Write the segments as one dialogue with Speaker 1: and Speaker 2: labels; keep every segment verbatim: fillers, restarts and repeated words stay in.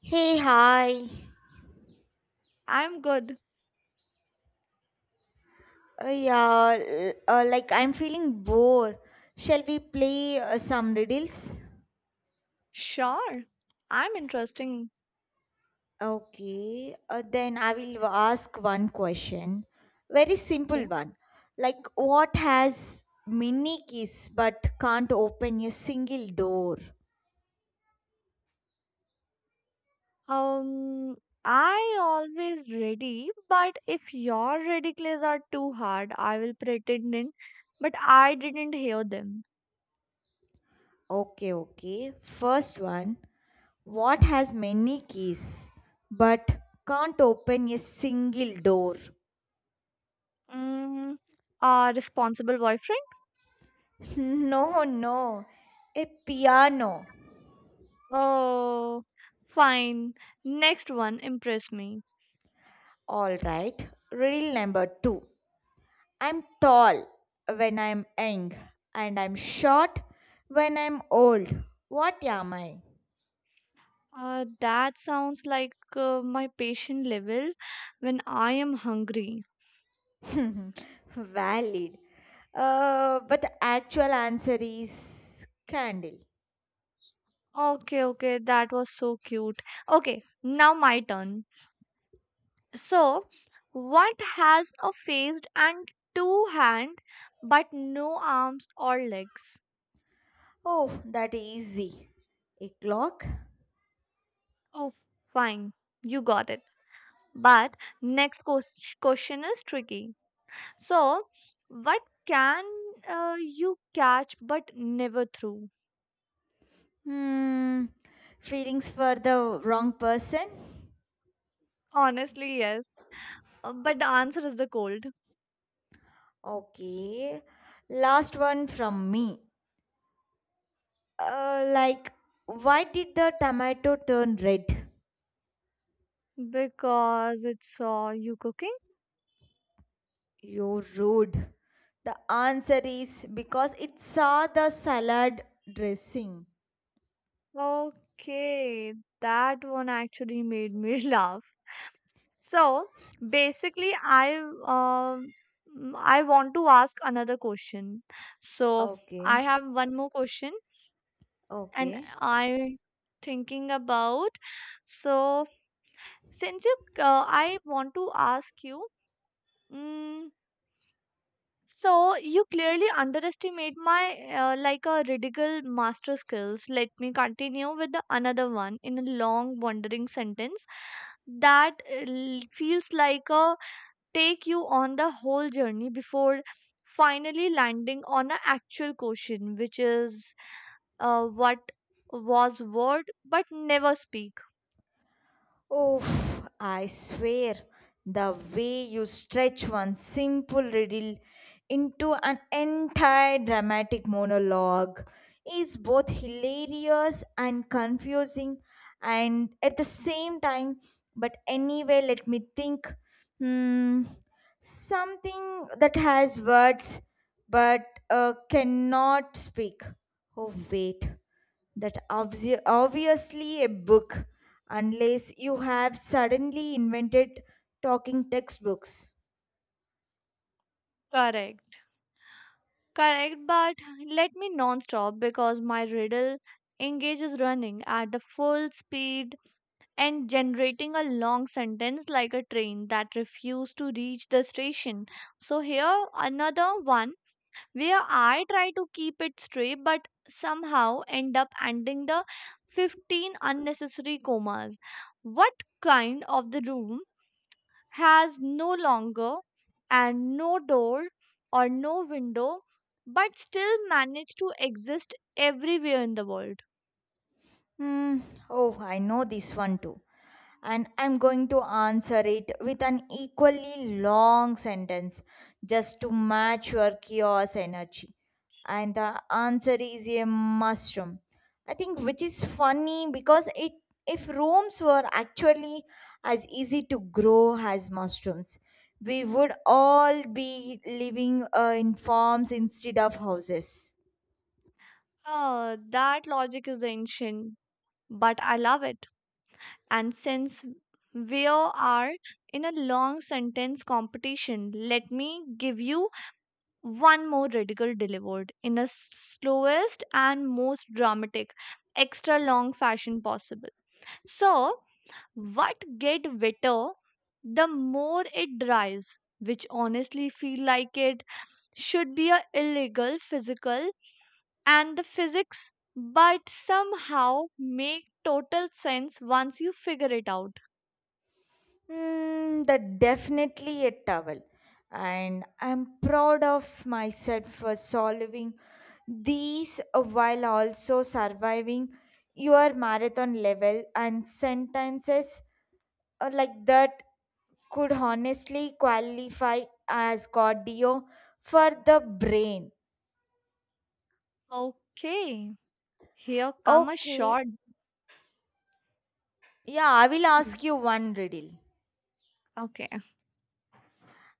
Speaker 1: Hey, hi.
Speaker 2: I'm good.
Speaker 1: Uh, yeah, l- uh, like, I'm feeling bored. Shall we play uh, some riddles?
Speaker 2: Sure. I'm interesting.
Speaker 1: Okay, uh, then I will ask one question. Very simple
Speaker 2: Okay.
Speaker 1: one. Like, what has many keys but can't open a single door?
Speaker 2: Um, I always ready, but if your ridiculous are too hard, I will pretend in, but I didn't hear them.
Speaker 1: Okay, okay. First one. What has many keys but can't open a single door?
Speaker 2: Mm, uh, responsible boyfriend?
Speaker 1: No, no. A piano.
Speaker 2: Oh, fine. Next one, impress me.
Speaker 1: All right, rule number two, I'm tall when I'm young, and I'm short when I'm old. What am I?
Speaker 2: Uh, that sounds like uh, my patient level when I am hungry.
Speaker 1: Valid. Uh, but the actual answer is candle.
Speaker 2: Okay, okay, that was so cute. Okay, now my turn. So, what has a face and two hands but no arms or legs?
Speaker 1: Oh, that easy. A clock?
Speaker 2: Oh, fine, you got it. But next ques- question is tricky. So, what can uh, you catch but never throw?
Speaker 1: Hmm. Feelings for the wrong person?
Speaker 2: Honestly, yes. Uh, But the answer is the cold
Speaker 1: Okay. Last one from me. Uh, like, why did the tomato turn red?
Speaker 2: because it saw you cooking.
Speaker 1: You're rude. The answer is because it saw the salad dressing.
Speaker 2: Okay, that one actually made me laugh. So basically, I um I want to ask another question. So I
Speaker 1: Okay,
Speaker 2: have one more question, and
Speaker 1: okay.
Speaker 2: I thinking about. So since you, uh, I want to ask you. Mm, so you clearly underestimate my uh, like a ridiculous master skills. Let me continue with the another one in a long wandering sentence that uh, l- feels like a take you on the whole journey before finally landing on an actual question, which is uh, what was word but never speak.
Speaker 1: Oh, I swear, the way you stretch one simple riddle into an entire dramatic monologue is both hilarious and confusing, and at the same time, but anyway, let me think. Hmm. Something that has words but uh, cannot speak. Oh, wait. That obvi- obviously a book, unless you have suddenly invented talking textbooks.
Speaker 2: Correct. Correct, but let me non-stop because my riddle engage is running at the full speed and generating a long sentence like a train that refused to reach the station. So here another one where I try to keep it straight but somehow end up ending the fifteen unnecessary commas. What kind of the room has no longer and no door or no window but still manage to exist everywhere in the world?
Speaker 1: Hmm. Oh, I know this one too. And I'm going to answer it with an equally long sentence just to match your chaos energy. And the answer is a mushroom. I think which is funny because it, if rooms were actually as easy to grow as mushrooms, we would all be living uh, in farms instead of houses.
Speaker 2: Ah, that logic is ancient, but I love it. And since we are in a long sentence competition, let me give you one more radical delivered in a s- slowest and most dramatic extra long fashion possible. So what get wetter the more it dries, which honestly feel like it should be a illegal physical and the physics but somehow make total sense once you figure it out.
Speaker 1: Mm, that definitely a towel. And I'm proud of myself for solving these while also surviving your marathon level and sentences uh, like that could honestly qualify as cardio for the brain.
Speaker 2: Okay, here come a
Speaker 1: Okay,
Speaker 2: short
Speaker 1: yeah, I will ask you one riddle.
Speaker 2: okay.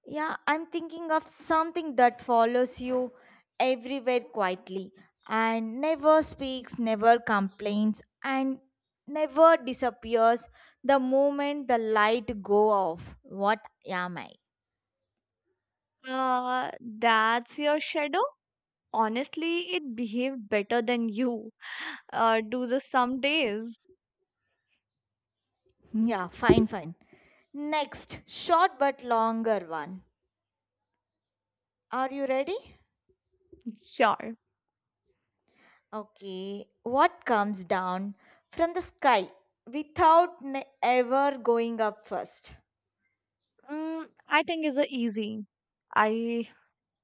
Speaker 1: Yeah, I'm thinking of something that follows you everywhere quietly and never speaks, never complains, and never disappears the moment the light go off. What am I?
Speaker 2: uh, that's your shadow. Honestly, it behaved better than you uh, do the some days.
Speaker 1: Yeah, fine, fine. Next, short but longer one. Are you ready?
Speaker 2: Sure.
Speaker 1: Okay, what comes down from the sky without ne- ever going up first?
Speaker 2: Mm, I think it's a easy. I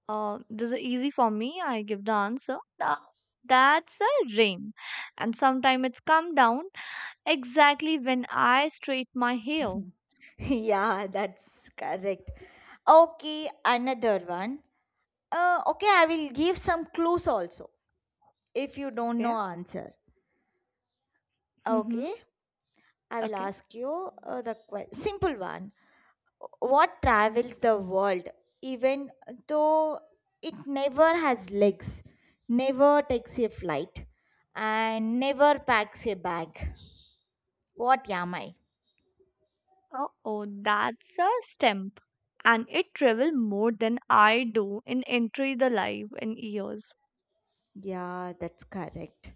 Speaker 2: uh, This is easy for me. I give the answer. Tha- That's a rain, and sometimes it's come down exactly when I straight my hair.
Speaker 1: Yeah, that's correct. Okay, another one. Uh, okay, I will give some clues also if you don't
Speaker 2: Okay.
Speaker 1: know answer.
Speaker 2: Mm-hmm.
Speaker 1: Okay, I will
Speaker 2: Okay.
Speaker 1: ask you uh, the que- simple one. What travels the world even though it never has legs, never takes a flight, and never packs a bag? What am I?
Speaker 2: Oh, oh, that's a stamp, and it travel more than I do in entry the life in years.
Speaker 1: Yeah, that's correct.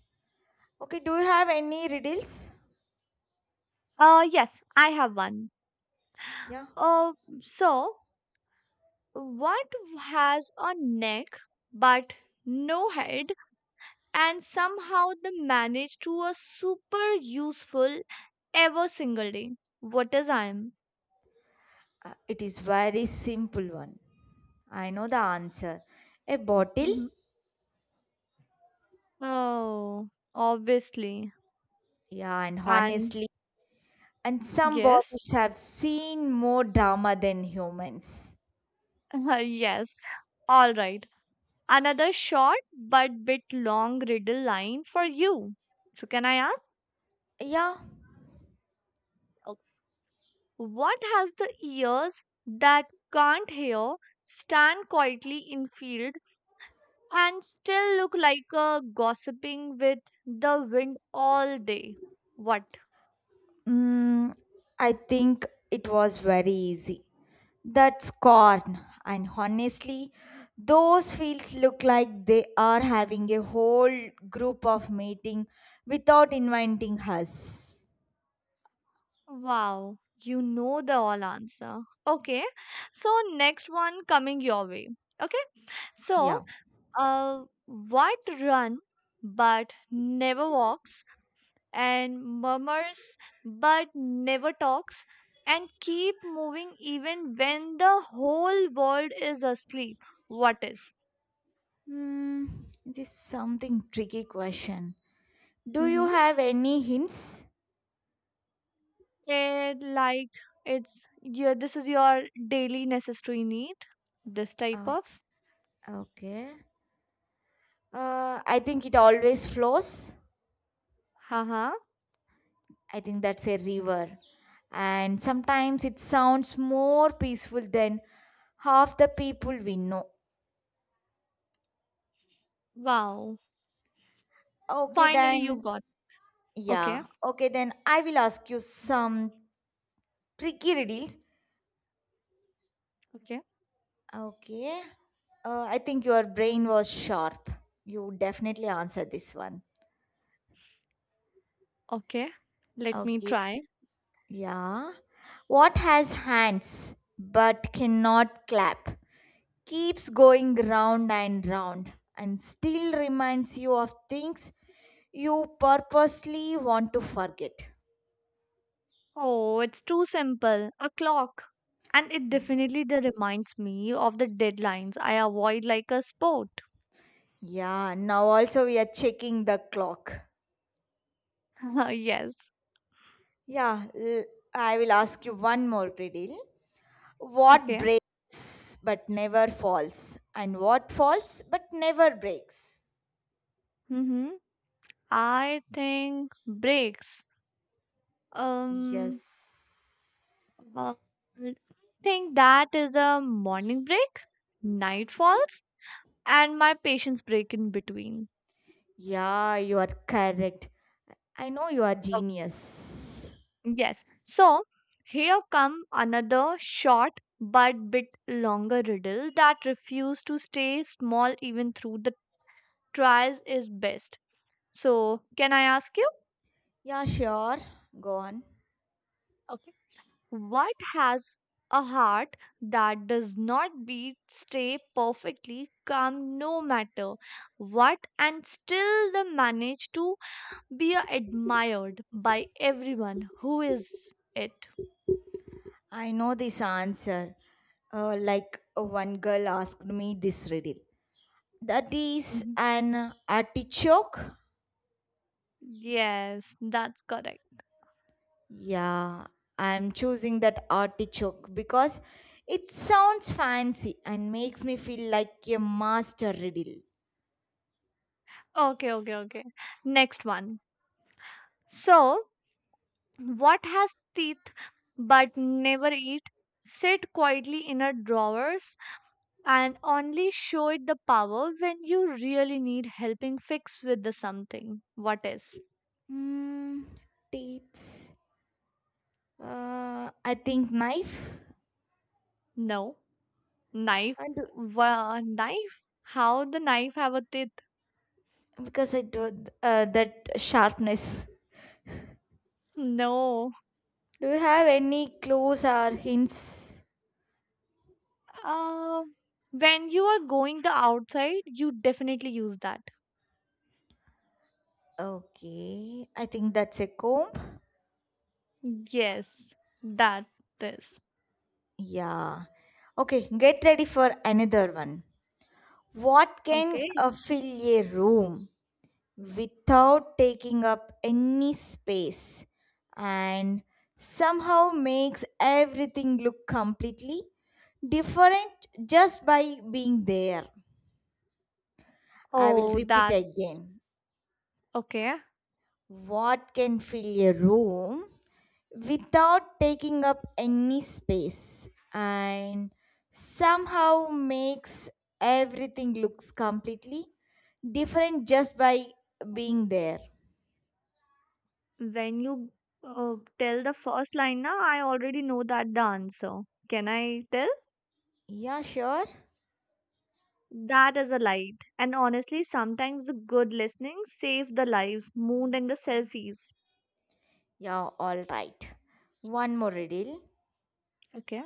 Speaker 1: Okay, do you have any riddles?
Speaker 2: Uh, yes, I have one.
Speaker 1: Yeah.
Speaker 2: Uh, so, what has a neck but no head, and somehow they manage to a super useful every single day? What is I'm?
Speaker 1: Uh, it is very simple one. I know the answer. A bottle?
Speaker 2: Oh, obviously.
Speaker 1: Yeah, and
Speaker 2: And
Speaker 1: honestly, and some
Speaker 2: yes,
Speaker 1: bottles have seen more drama than humans.
Speaker 2: yes, all right. Another short but bit long riddle line for you. So, can I ask?
Speaker 1: Yeah,
Speaker 2: What has the ears that can't hear, stand quietly in field, and still look like a gossiping with the wind all day? What?
Speaker 1: mm, I think it was very easy. That's corn. And honestly, those fields look like they are having a whole group of meeting without inviting us.
Speaker 2: Wow, you know the all answer. Okay, so next one coming your way. Okay, so
Speaker 1: Yeah.
Speaker 2: a white run but never walks and murmurs but never talks and keep moving even when the whole world is asleep. What is?
Speaker 1: Hmm, this is something tricky question. Do you
Speaker 2: Mm-hmm.
Speaker 1: have any hints?
Speaker 2: It like it's your this is your daily necessary need this type of.
Speaker 1: Okay. Okay. Uh, I think it always flows.
Speaker 2: Haha.
Speaker 1: I think that's a river. And sometimes it sounds more peaceful than half the people we know.
Speaker 2: Wow,
Speaker 1: Okay,
Speaker 2: finally you
Speaker 1: then,
Speaker 2: got. Okay,
Speaker 1: yeah. Okay, then I will ask you some tricky riddles.
Speaker 2: okay,
Speaker 1: Okay. Uh, I think your brain was sharp. You definitely answered this one.
Speaker 2: okay, let me
Speaker 1: Okay.
Speaker 2: try.
Speaker 1: Yeah. What has hands but cannot clap? Keeps going round and round and still reminds you of things you purposely want to forget.
Speaker 2: Oh, it's too simple. A clock. And it
Speaker 1: Ye-
Speaker 2: definitely de- reminds me of the deadlines I avoid like a sport.
Speaker 1: Yeah, now also we are checking the clock.
Speaker 2: Yes.
Speaker 1: Yeah, l- I will ask you one more riddle. What
Speaker 2: Okay.
Speaker 1: breaks but never falls? And what falls but never breaks?
Speaker 2: Mm-hmm. I think breaks. Um,
Speaker 1: Yes.
Speaker 2: uh, I think that is a morning break, night falls, and my patience break in between.
Speaker 1: Yeah, you are correct. I know you are genius.
Speaker 2: Yes. So here come another short but bit longer riddle that refuse to stay small even through the tries is best. So can I ask you?
Speaker 1: Yeah, sure. Go on.
Speaker 2: Okay. What has a heart that does not beat, stay perfectly calm no matter what, and still they manage to be admired by everyone? Who is it?
Speaker 1: I know this answer. Uh, like uh, one girl asked me this riddle. That is
Speaker 2: Mhm.
Speaker 1: an artichoke.
Speaker 2: Yes, that's correct.
Speaker 1: Yeah, I'm choosing that artichoke because it sounds fancy and makes me feel like a master riddle.
Speaker 2: Okay, okay, okay. Next one. So, what has teeth but never eat? Sit quietly in a drawers and only show it the power when you really need helping fix with the something. What is?
Speaker 1: Hmm, teeth. Uh, I think knife.
Speaker 2: No. Knife.
Speaker 1: And
Speaker 2: Wha knife? How the knife have a teeth?
Speaker 1: because I do uh, that sharpness.
Speaker 2: No.
Speaker 1: Do you have any clues or hints?
Speaker 2: Uh, when you are going the outside, you definitely use that.
Speaker 1: Okay, I think that's a comb.
Speaker 2: Yes, that is.
Speaker 1: Yeah. Okay, get ready for another one. What can
Speaker 2: Okay.
Speaker 1: uh, fill a room without taking up any space and somehow makes everything look completely different just by being there? I will
Speaker 2: Oh,
Speaker 1: repeat
Speaker 2: that's
Speaker 1: again.
Speaker 2: okay.
Speaker 1: What can fill a room without taking up any space and somehow makes everything looks completely different just by being there?
Speaker 2: When you uh, tell the first line now, I already know that the answer. Can I tell?
Speaker 1: Yeah, sure.
Speaker 2: That is a light. And honestly, sometimes the good listening save the lives, moon and the selfies.
Speaker 1: Yeah, all right. One more riddle.
Speaker 2: Okay.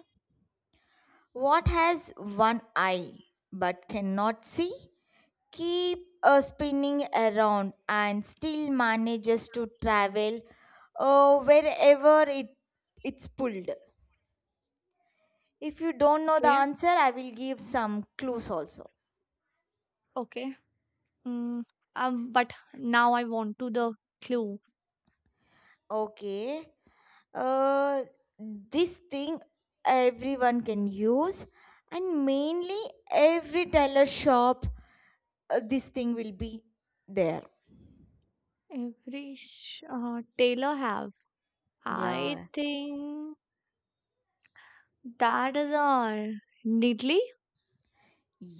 Speaker 1: What has one eye but cannot see? Keep uh, spinning around and still manages to travel uh, wherever it it's pulled. If you don't know the
Speaker 2: Okay.
Speaker 1: answer, I will give some clues also.
Speaker 2: Okay. Mm, um, but now I want to the clue.
Speaker 1: Okay, uh, this thing everyone can use, and mainly every tailor shop, uh, this thing will be there.
Speaker 2: Every sh- uh, tailor have. I
Speaker 1: Yeah.
Speaker 2: think that is a Neatly.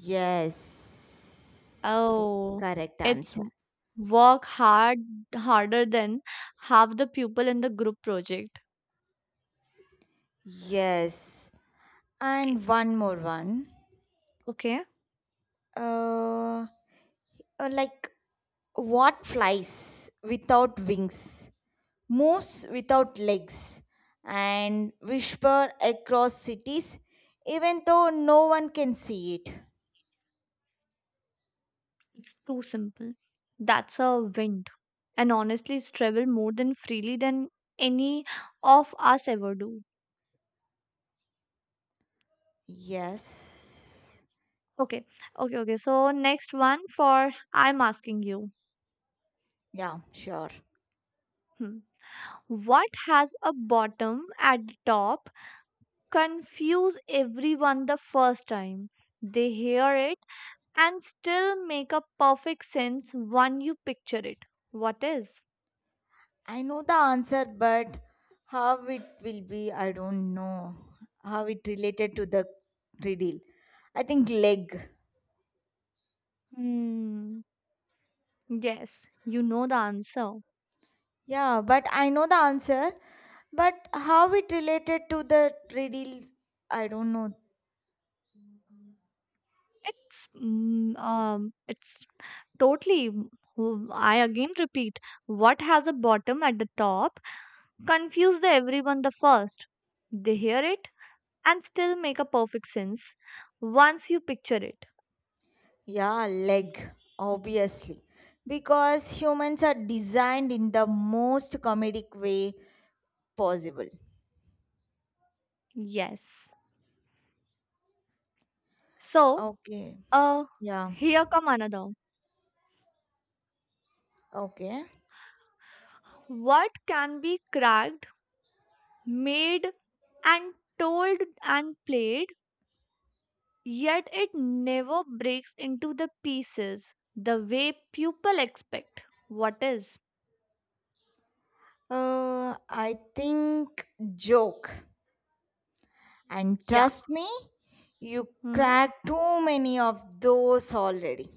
Speaker 1: Yes, that's
Speaker 2: Oh,
Speaker 1: correct
Speaker 2: it's
Speaker 1: answer.
Speaker 2: w- work hard harder than half the people in the group project.
Speaker 1: Yes.
Speaker 2: Okay.
Speaker 1: And one more one.
Speaker 2: Okay.
Speaker 1: Uh, uh, like what flies without wings, moves without legs, and whisper across cities even though no one can see it?
Speaker 2: It's too simple. That's a wind. And honestly, it's travel more than freely than any of us ever do.
Speaker 1: Yes.
Speaker 2: Okay. Okay. Okay. So next one for I'm asking you.
Speaker 1: Yeah, sure.
Speaker 2: Hmm. What has a bottom at the top? Confuse everyone the first time they hear it and still make a perfect sense when you picture it. What is?
Speaker 1: I know the answer, but how it will be, I don't know. How it related to the riddle. I think leg.
Speaker 2: Hmm. Yes, you know the answer.
Speaker 1: Yeah, but I know the answer. But how it related to the treadle, I don't know.
Speaker 2: It's mm, um, It's totally. w- I again repeat. What has a bottom at the top? Confuse the everyone the first. They hear it and still make a perfect sense once you picture it.
Speaker 1: Yeah, leg, obviously. Because humans are designed in the most comedic way possible.
Speaker 2: Yes. So,
Speaker 1: Okay.
Speaker 2: uh,
Speaker 1: Yeah.
Speaker 2: here come another.
Speaker 1: Okay.
Speaker 2: What can be cracked? Made and told and played, yet it never breaks into the pieces the way people expect. What is?
Speaker 1: Uh, I think joke. And
Speaker 2: Yeah.
Speaker 1: trust me, you
Speaker 2: Hmm?
Speaker 1: cracked too many of those already.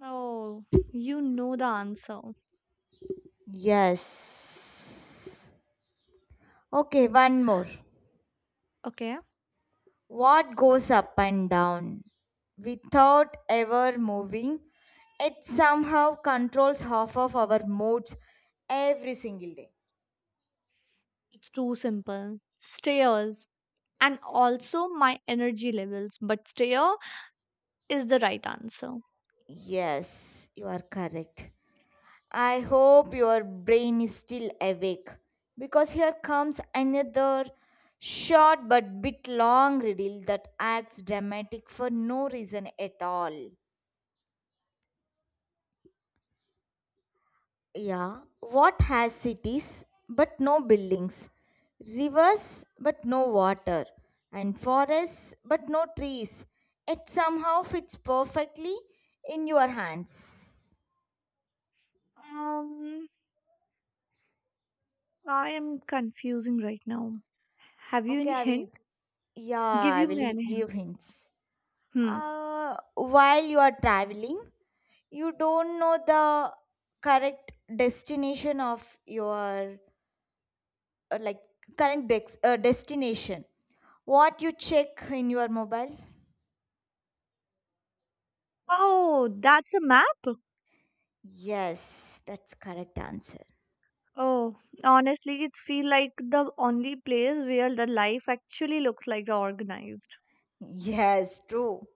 Speaker 2: Oh, you know the answer.
Speaker 1: Yes. Okay, one more.
Speaker 2: Okay.
Speaker 1: What goes up and down without ever moving? It somehow controls half of our moods every single day.
Speaker 2: It's too simple. Stairs. And also my energy levels, but stair is the right answer.
Speaker 1: Yes, you are correct. I hope your brain is still awake, because here comes another short but bit long riddle that acts dramatic for no reason at all. Yeah, what has cities but no buildings, rivers but no water, and forests but no trees? It somehow fits perfectly in your hands.
Speaker 2: Um, I am confusing right now. Have you
Speaker 1: Okay,
Speaker 2: any
Speaker 1: I will.
Speaker 2: hint? Give
Speaker 1: Yeah, I
Speaker 2: you
Speaker 1: will
Speaker 2: me any
Speaker 1: give
Speaker 2: hint.
Speaker 1: hints.
Speaker 2: Hmm.
Speaker 1: Uh, while you are traveling, you don't know the correct destination of your uh, like current dex- uh, destination. What you check in your mobile?
Speaker 2: Oh, that's a map.
Speaker 1: Yes, that's correct answer.
Speaker 2: Oh, honestly, it's feel like the only place where the life actually looks like the organized.
Speaker 1: Yes, true.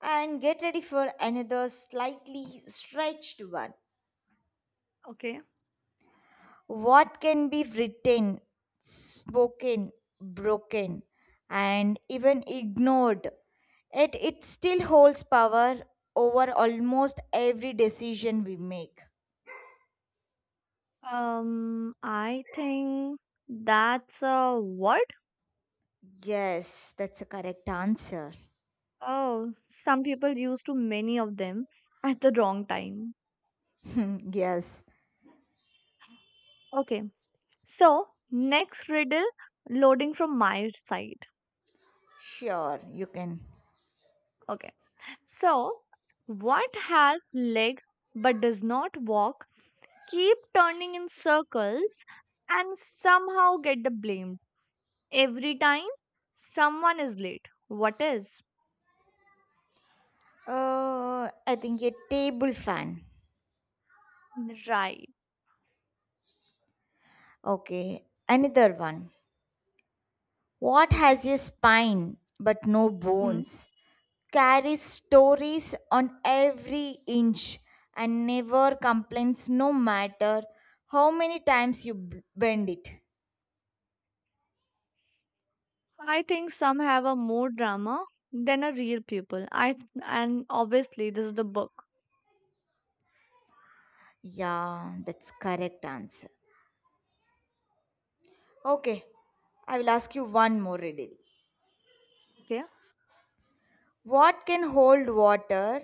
Speaker 1: And get ready for another slightly stretched one.
Speaker 2: Okay.
Speaker 1: What can be written, spoken, broken, and even ignored? It it still holds power over almost every decision we make.
Speaker 2: Um, I think that's a word.
Speaker 1: Yes, that's a correct answer.
Speaker 2: Oh, some people use too many of them at the wrong time.
Speaker 1: Yes,
Speaker 2: Okay. So, next riddle loading from my side.
Speaker 1: sure, you can.
Speaker 2: Okay. So, what has leg but does not walk, keep turning in circles, and somehow get the blame? Every time someone is late. What is?
Speaker 1: Uh, I think a table fan.
Speaker 2: Right.
Speaker 1: Okay, another one. What
Speaker 2: Okay.
Speaker 1: has a spine but no
Speaker 2: Hmm.
Speaker 1: bones? Carries stories on every inch and never complains, no matter how many times you b- bend it.
Speaker 2: I think some have a more drama than a real pupil. I th- and obviously this is the book.
Speaker 1: Yeah, that's correct answer. Okay, I will ask you one more riddle.
Speaker 2: Okay.
Speaker 1: What can hold water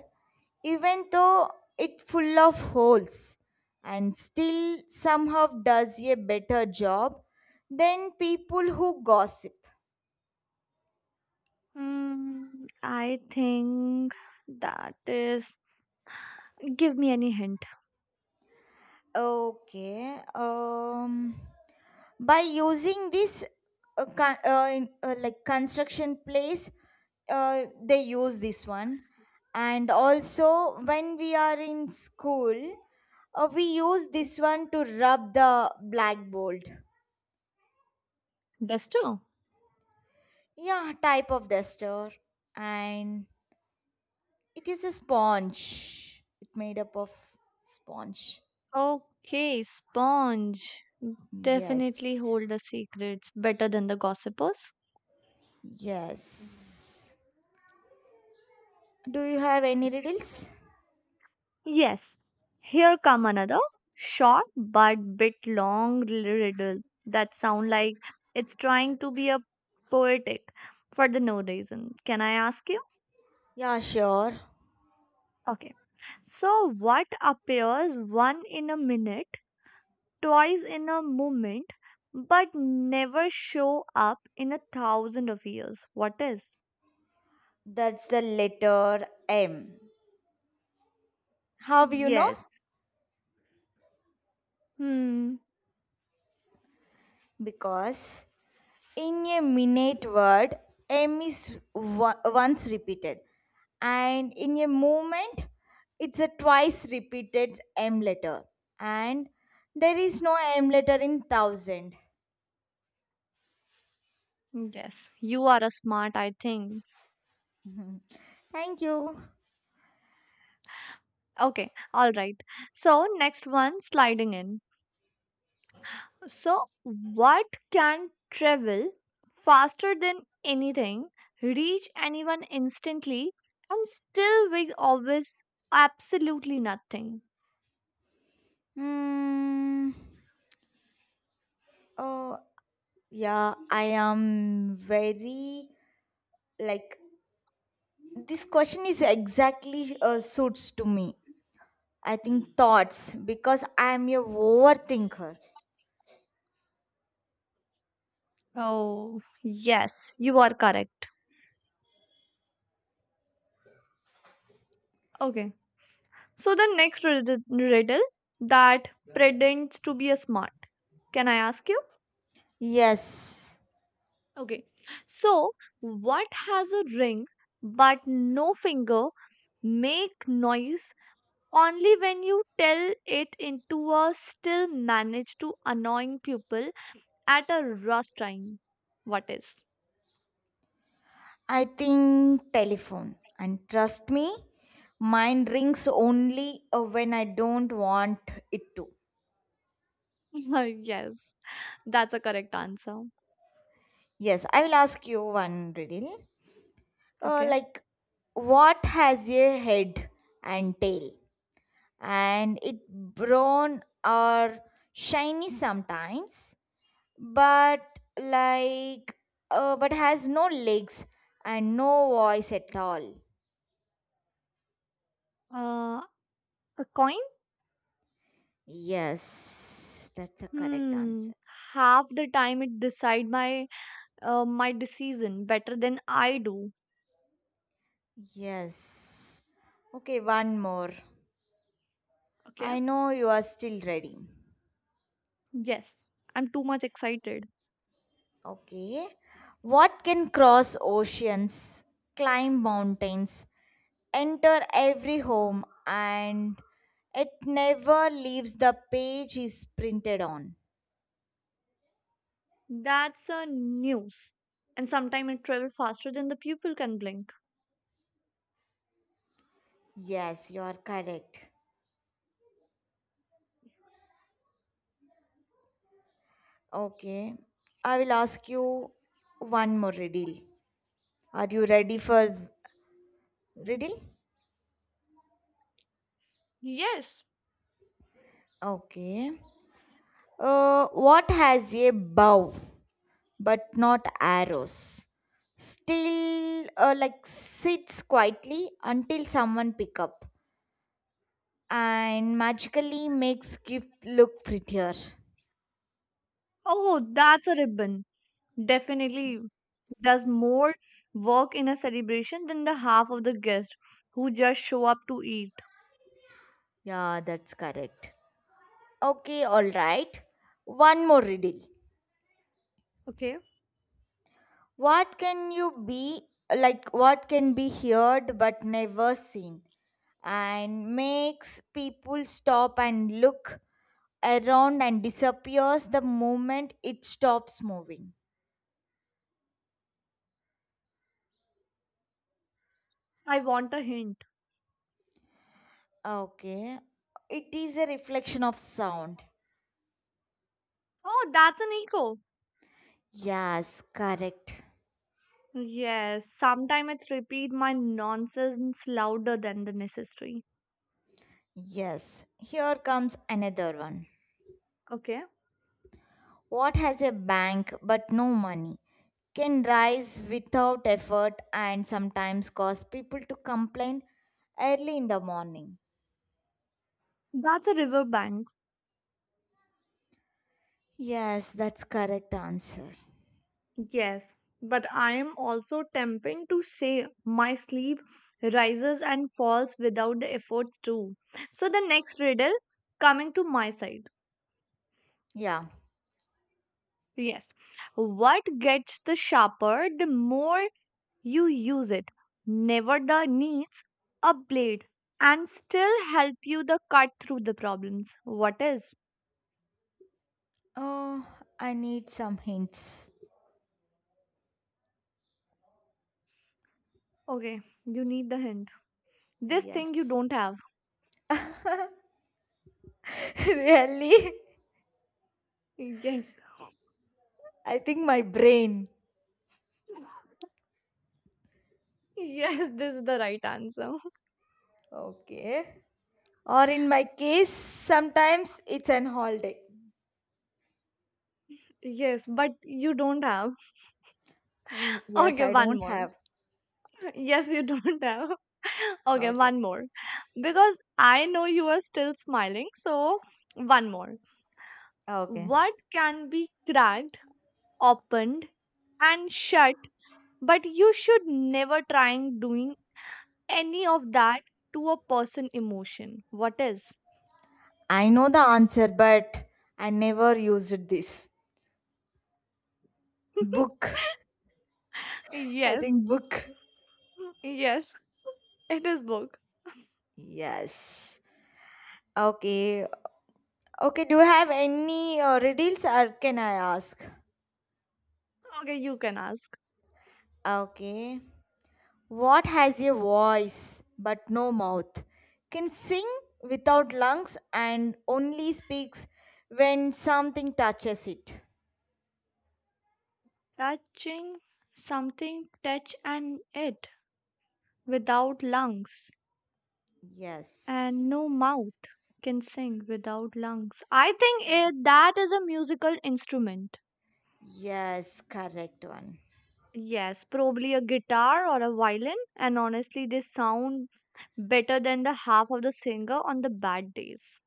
Speaker 1: even though it full of holes and still somehow does a better job than people who gossip?
Speaker 2: Hmm. I think that is. Give me any hint.
Speaker 1: Okay, um, by using this uh, con- uh, in, uh, like construction place, uh, they use this one, and also when we are in school, uh, we use this one to rub the blackboard.
Speaker 2: Duster.
Speaker 1: Yeah, type of duster. And it is a sponge. It made up of sponge.
Speaker 2: Okay, sponge. Definitely
Speaker 1: Yes.
Speaker 2: hold the secrets better than the gossipers.
Speaker 1: Yes. Do you have any riddles?
Speaker 2: Yes, here come another short but bit long riddle that sound like it's trying to be a poetic for the no reason. Can I ask you?
Speaker 1: Yeah, sure.
Speaker 2: Okay. So what appears one in a minute, twice in a moment, but never show up in a thousand of years? What is?
Speaker 1: That's the letter M. How you know?
Speaker 2: Yes. Hmm.
Speaker 1: Because in a minute word, M is wo- once repeated, and in a movement, it's a twice repeated M letter, and there is no M letter in thousand.
Speaker 2: Yes. You are a smart, I think.
Speaker 1: Thank you.
Speaker 2: Okay. All right. So next one sliding in. So, what can travel faster than anything, reach anyone instantly, and still we always absolutely nothing?
Speaker 1: Hmm. Oh, yeah, I am very like this question is exactly uh, suits to me. I think thoughts because I am a overthinker.
Speaker 2: Oh, yes, you are correct. Okay. So, the next rid- riddle that pretends to be a smart. Can I ask you?
Speaker 1: Yes.
Speaker 2: Okay. So, what has a ring but no finger, make noise only when you tell it into a still manage to annoying people at a rush time. What is?
Speaker 1: I think telephone. And trust me, mine rings only uh, when I don't want it to.
Speaker 2: Yes, that's a correct answer.
Speaker 1: Yes, I will ask you one riddle. Uh,
Speaker 2: Okay.
Speaker 1: like, what has a head and tail? And it brown or shiny sometimes, but like, uh, but has no legs and no voice at all.
Speaker 2: Uh, a coin?
Speaker 1: Yes, that's the correct
Speaker 2: Hmm.
Speaker 1: answer.
Speaker 2: Half the time it decide my uh, my decision better than I do.
Speaker 1: Yes. Okay, one more.
Speaker 2: Okay.
Speaker 1: I know you are still ready.
Speaker 2: Yes, I'm too much excited.
Speaker 1: Okay. What can cross oceans, climb mountains, enter every home, and it never leaves the page is printed on?
Speaker 2: That's a news. And sometimes it travel faster than the pupil can blink.
Speaker 1: Yes, you are correct. Okay. I will ask you one more riddle. Are you ready for riddle?
Speaker 2: Yes.
Speaker 1: Okay. Uh, what has a bow, but not arrows? Still, uh, like sits quietly until someone pick up and magically makes gift look prettier.
Speaker 2: Oh, that's a ribbon. Definitely does more work in a celebration than the half of the guests who just show up to eat.
Speaker 1: Yeah, that's correct. Okay, all right. One more riddle.
Speaker 2: Okay.
Speaker 1: What can you be like? What can be heard but never seen, and makes people stop and look around and disappears the moment it stops moving.
Speaker 2: I want a hint.
Speaker 1: Okay. It is a reflection of sound.
Speaker 2: Oh, that's an echo.
Speaker 1: Yes, correct.
Speaker 2: Yes, sometimes it's repeat my nonsense louder than the necessary.
Speaker 1: Yes. Here comes another one.
Speaker 2: Okay.
Speaker 1: What has a bank but no money? Can rise without effort and sometimes cause people to complain early in the morning.
Speaker 2: That's a riverbank.
Speaker 1: Yes, that's correct answer.
Speaker 2: Yes. But I am also tempting to say my sleep rises and falls without the efforts too. So the next riddle coming to my side.
Speaker 1: Yeah.
Speaker 2: Yes. What gets the sharper the more you use it. Never the needs a blade and still help you the cut through the problems. What is?
Speaker 1: Oh, I need some hints.
Speaker 2: Okay, you need the hint. This thing you
Speaker 1: Yes.
Speaker 2: don't have.
Speaker 1: Really?
Speaker 2: Yes.
Speaker 1: I think my brain.
Speaker 2: Yes, this is the right answer.
Speaker 1: Okay. Or in my case, sometimes it's an holiday.
Speaker 2: Yes, but you don't have.
Speaker 1: Mm, yes,
Speaker 2: Okay,
Speaker 1: I
Speaker 2: one
Speaker 1: don't
Speaker 2: more.
Speaker 1: have.
Speaker 2: Yes, you don't have. Okay,
Speaker 1: Okay.
Speaker 2: one more. Because I know you are still smiling, so one more.
Speaker 1: Okay.
Speaker 2: What can be cracked, opened, and shut, but you should never trying doing any of that to a person emotion. What is?
Speaker 1: I know the answer, but I never used this. Book. I
Speaker 2: Yes,
Speaker 1: think book.
Speaker 2: yes, it is book.
Speaker 1: Yes. Okay. Okay, do you have any uh, riddles or can I ask?
Speaker 2: Okay, you can ask.
Speaker 1: Okay. What has a voice but no mouth? Can sing without lungs and only speaks when something touches it.
Speaker 2: Touching something, touch and it without lungs
Speaker 1: Yes.
Speaker 2: and no mouth can sing without lungs. I think
Speaker 1: Yeah.
Speaker 2: it, that is a musical instrument.
Speaker 1: Yes, correct one.
Speaker 2: Yes, probably a guitar or a violin, and honestly, they sound better than the half of the singer on the bad days.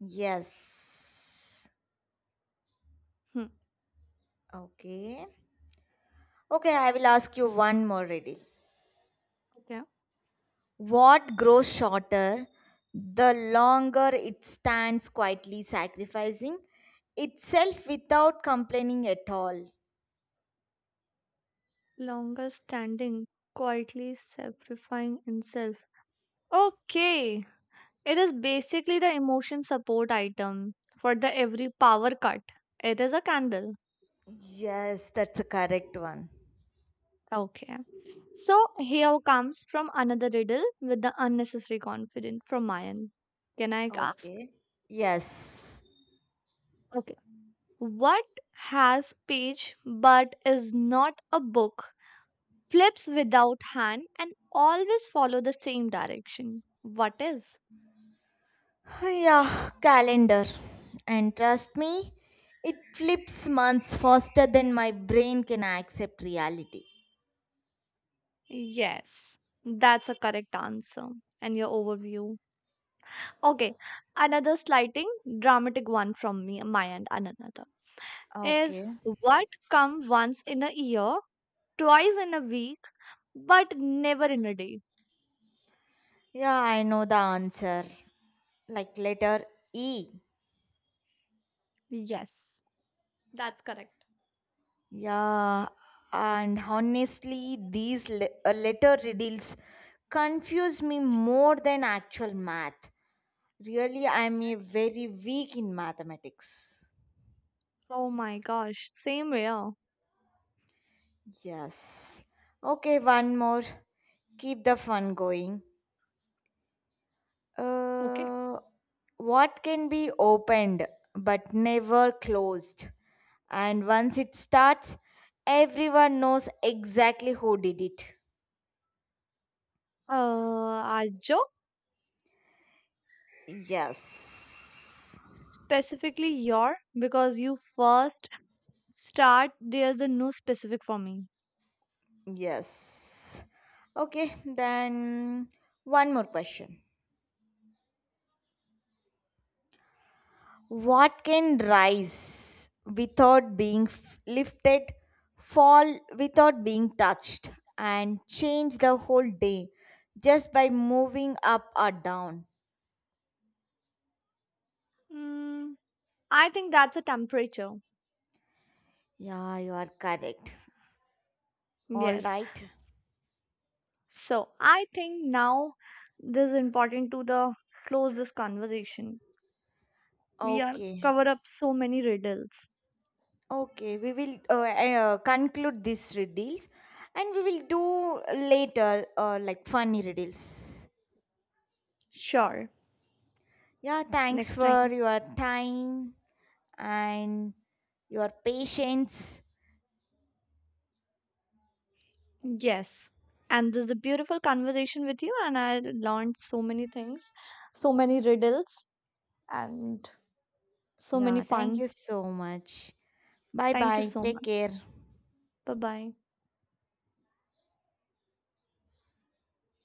Speaker 1: Yes.
Speaker 2: Hmm.
Speaker 1: Okay. Okay, I will ask you one more. Ready?
Speaker 2: Okay.
Speaker 1: What grows shorter the longer it stands quietly sacrificing itself without complaining at all?
Speaker 2: Longer standing, quietly sacrificing himself. Okay, it is basically the emotion support item for the every power cut. It is a candle.
Speaker 1: Yes, that's a correct one.
Speaker 2: Okay. So here comes from another riddle with the unnecessary confidence from Mayan. Can I ask?
Speaker 1: Okay. Yes.
Speaker 2: What has page but is not a book, flips without hand, and always follow the same direction? What is?
Speaker 1: Yeah, calendar. And trust me, it flips months faster than my brain can accept reality.
Speaker 2: Yes, that's a correct answer. And your overview. Okay, another slighting, dramatic one from me, my end, and another is
Speaker 1: Okay.
Speaker 2: what come once in a year, twice in a week, but never in a day.
Speaker 1: Yeah, I know the answer. Like letter E.
Speaker 2: Yes, that's correct.
Speaker 1: Yeah, and honestly, these le- uh, letter riddles confuse me more than actual math. Really, I'm a very weak in mathematics.
Speaker 2: Oh my gosh, same here.
Speaker 1: Yes. Okay, one more. Keep the fun going.
Speaker 2: Okay.
Speaker 1: Uh, what can be opened but never closed? And once it starts, everyone knows exactly who did it.
Speaker 2: Uh, Ajo,
Speaker 1: Yes.
Speaker 2: specifically your, because you first start, there's a no specific for me.
Speaker 1: Yes. Okay, then one more question. What can rise without being f- lifted, fall without being touched, and change the whole day just by moving up or down?
Speaker 2: Mm, I think that's a temperature.
Speaker 1: Yeah, you are correct. All
Speaker 2: Yes.
Speaker 1: right.
Speaker 2: So I think now this is important to the close this conversation. We are
Speaker 1: Okay.
Speaker 2: cover up so many riddles.
Speaker 1: Okay. We will uh, eh, uh, conclude these riddles and we will do later uh, like funny riddles.
Speaker 2: Sure.
Speaker 1: Yeah, thanks
Speaker 2: Next
Speaker 1: for
Speaker 2: time.
Speaker 1: your time and your patience.
Speaker 2: Yes. And this is a beautiful conversation with you, and I learned so many things, so many riddles, and so many
Speaker 1: Yeah, thank
Speaker 2: fun.
Speaker 1: you so much. Bye
Speaker 2: Thank you
Speaker 1: bye.
Speaker 2: so
Speaker 1: Take
Speaker 2: much.
Speaker 1: care.
Speaker 2: Bye bye.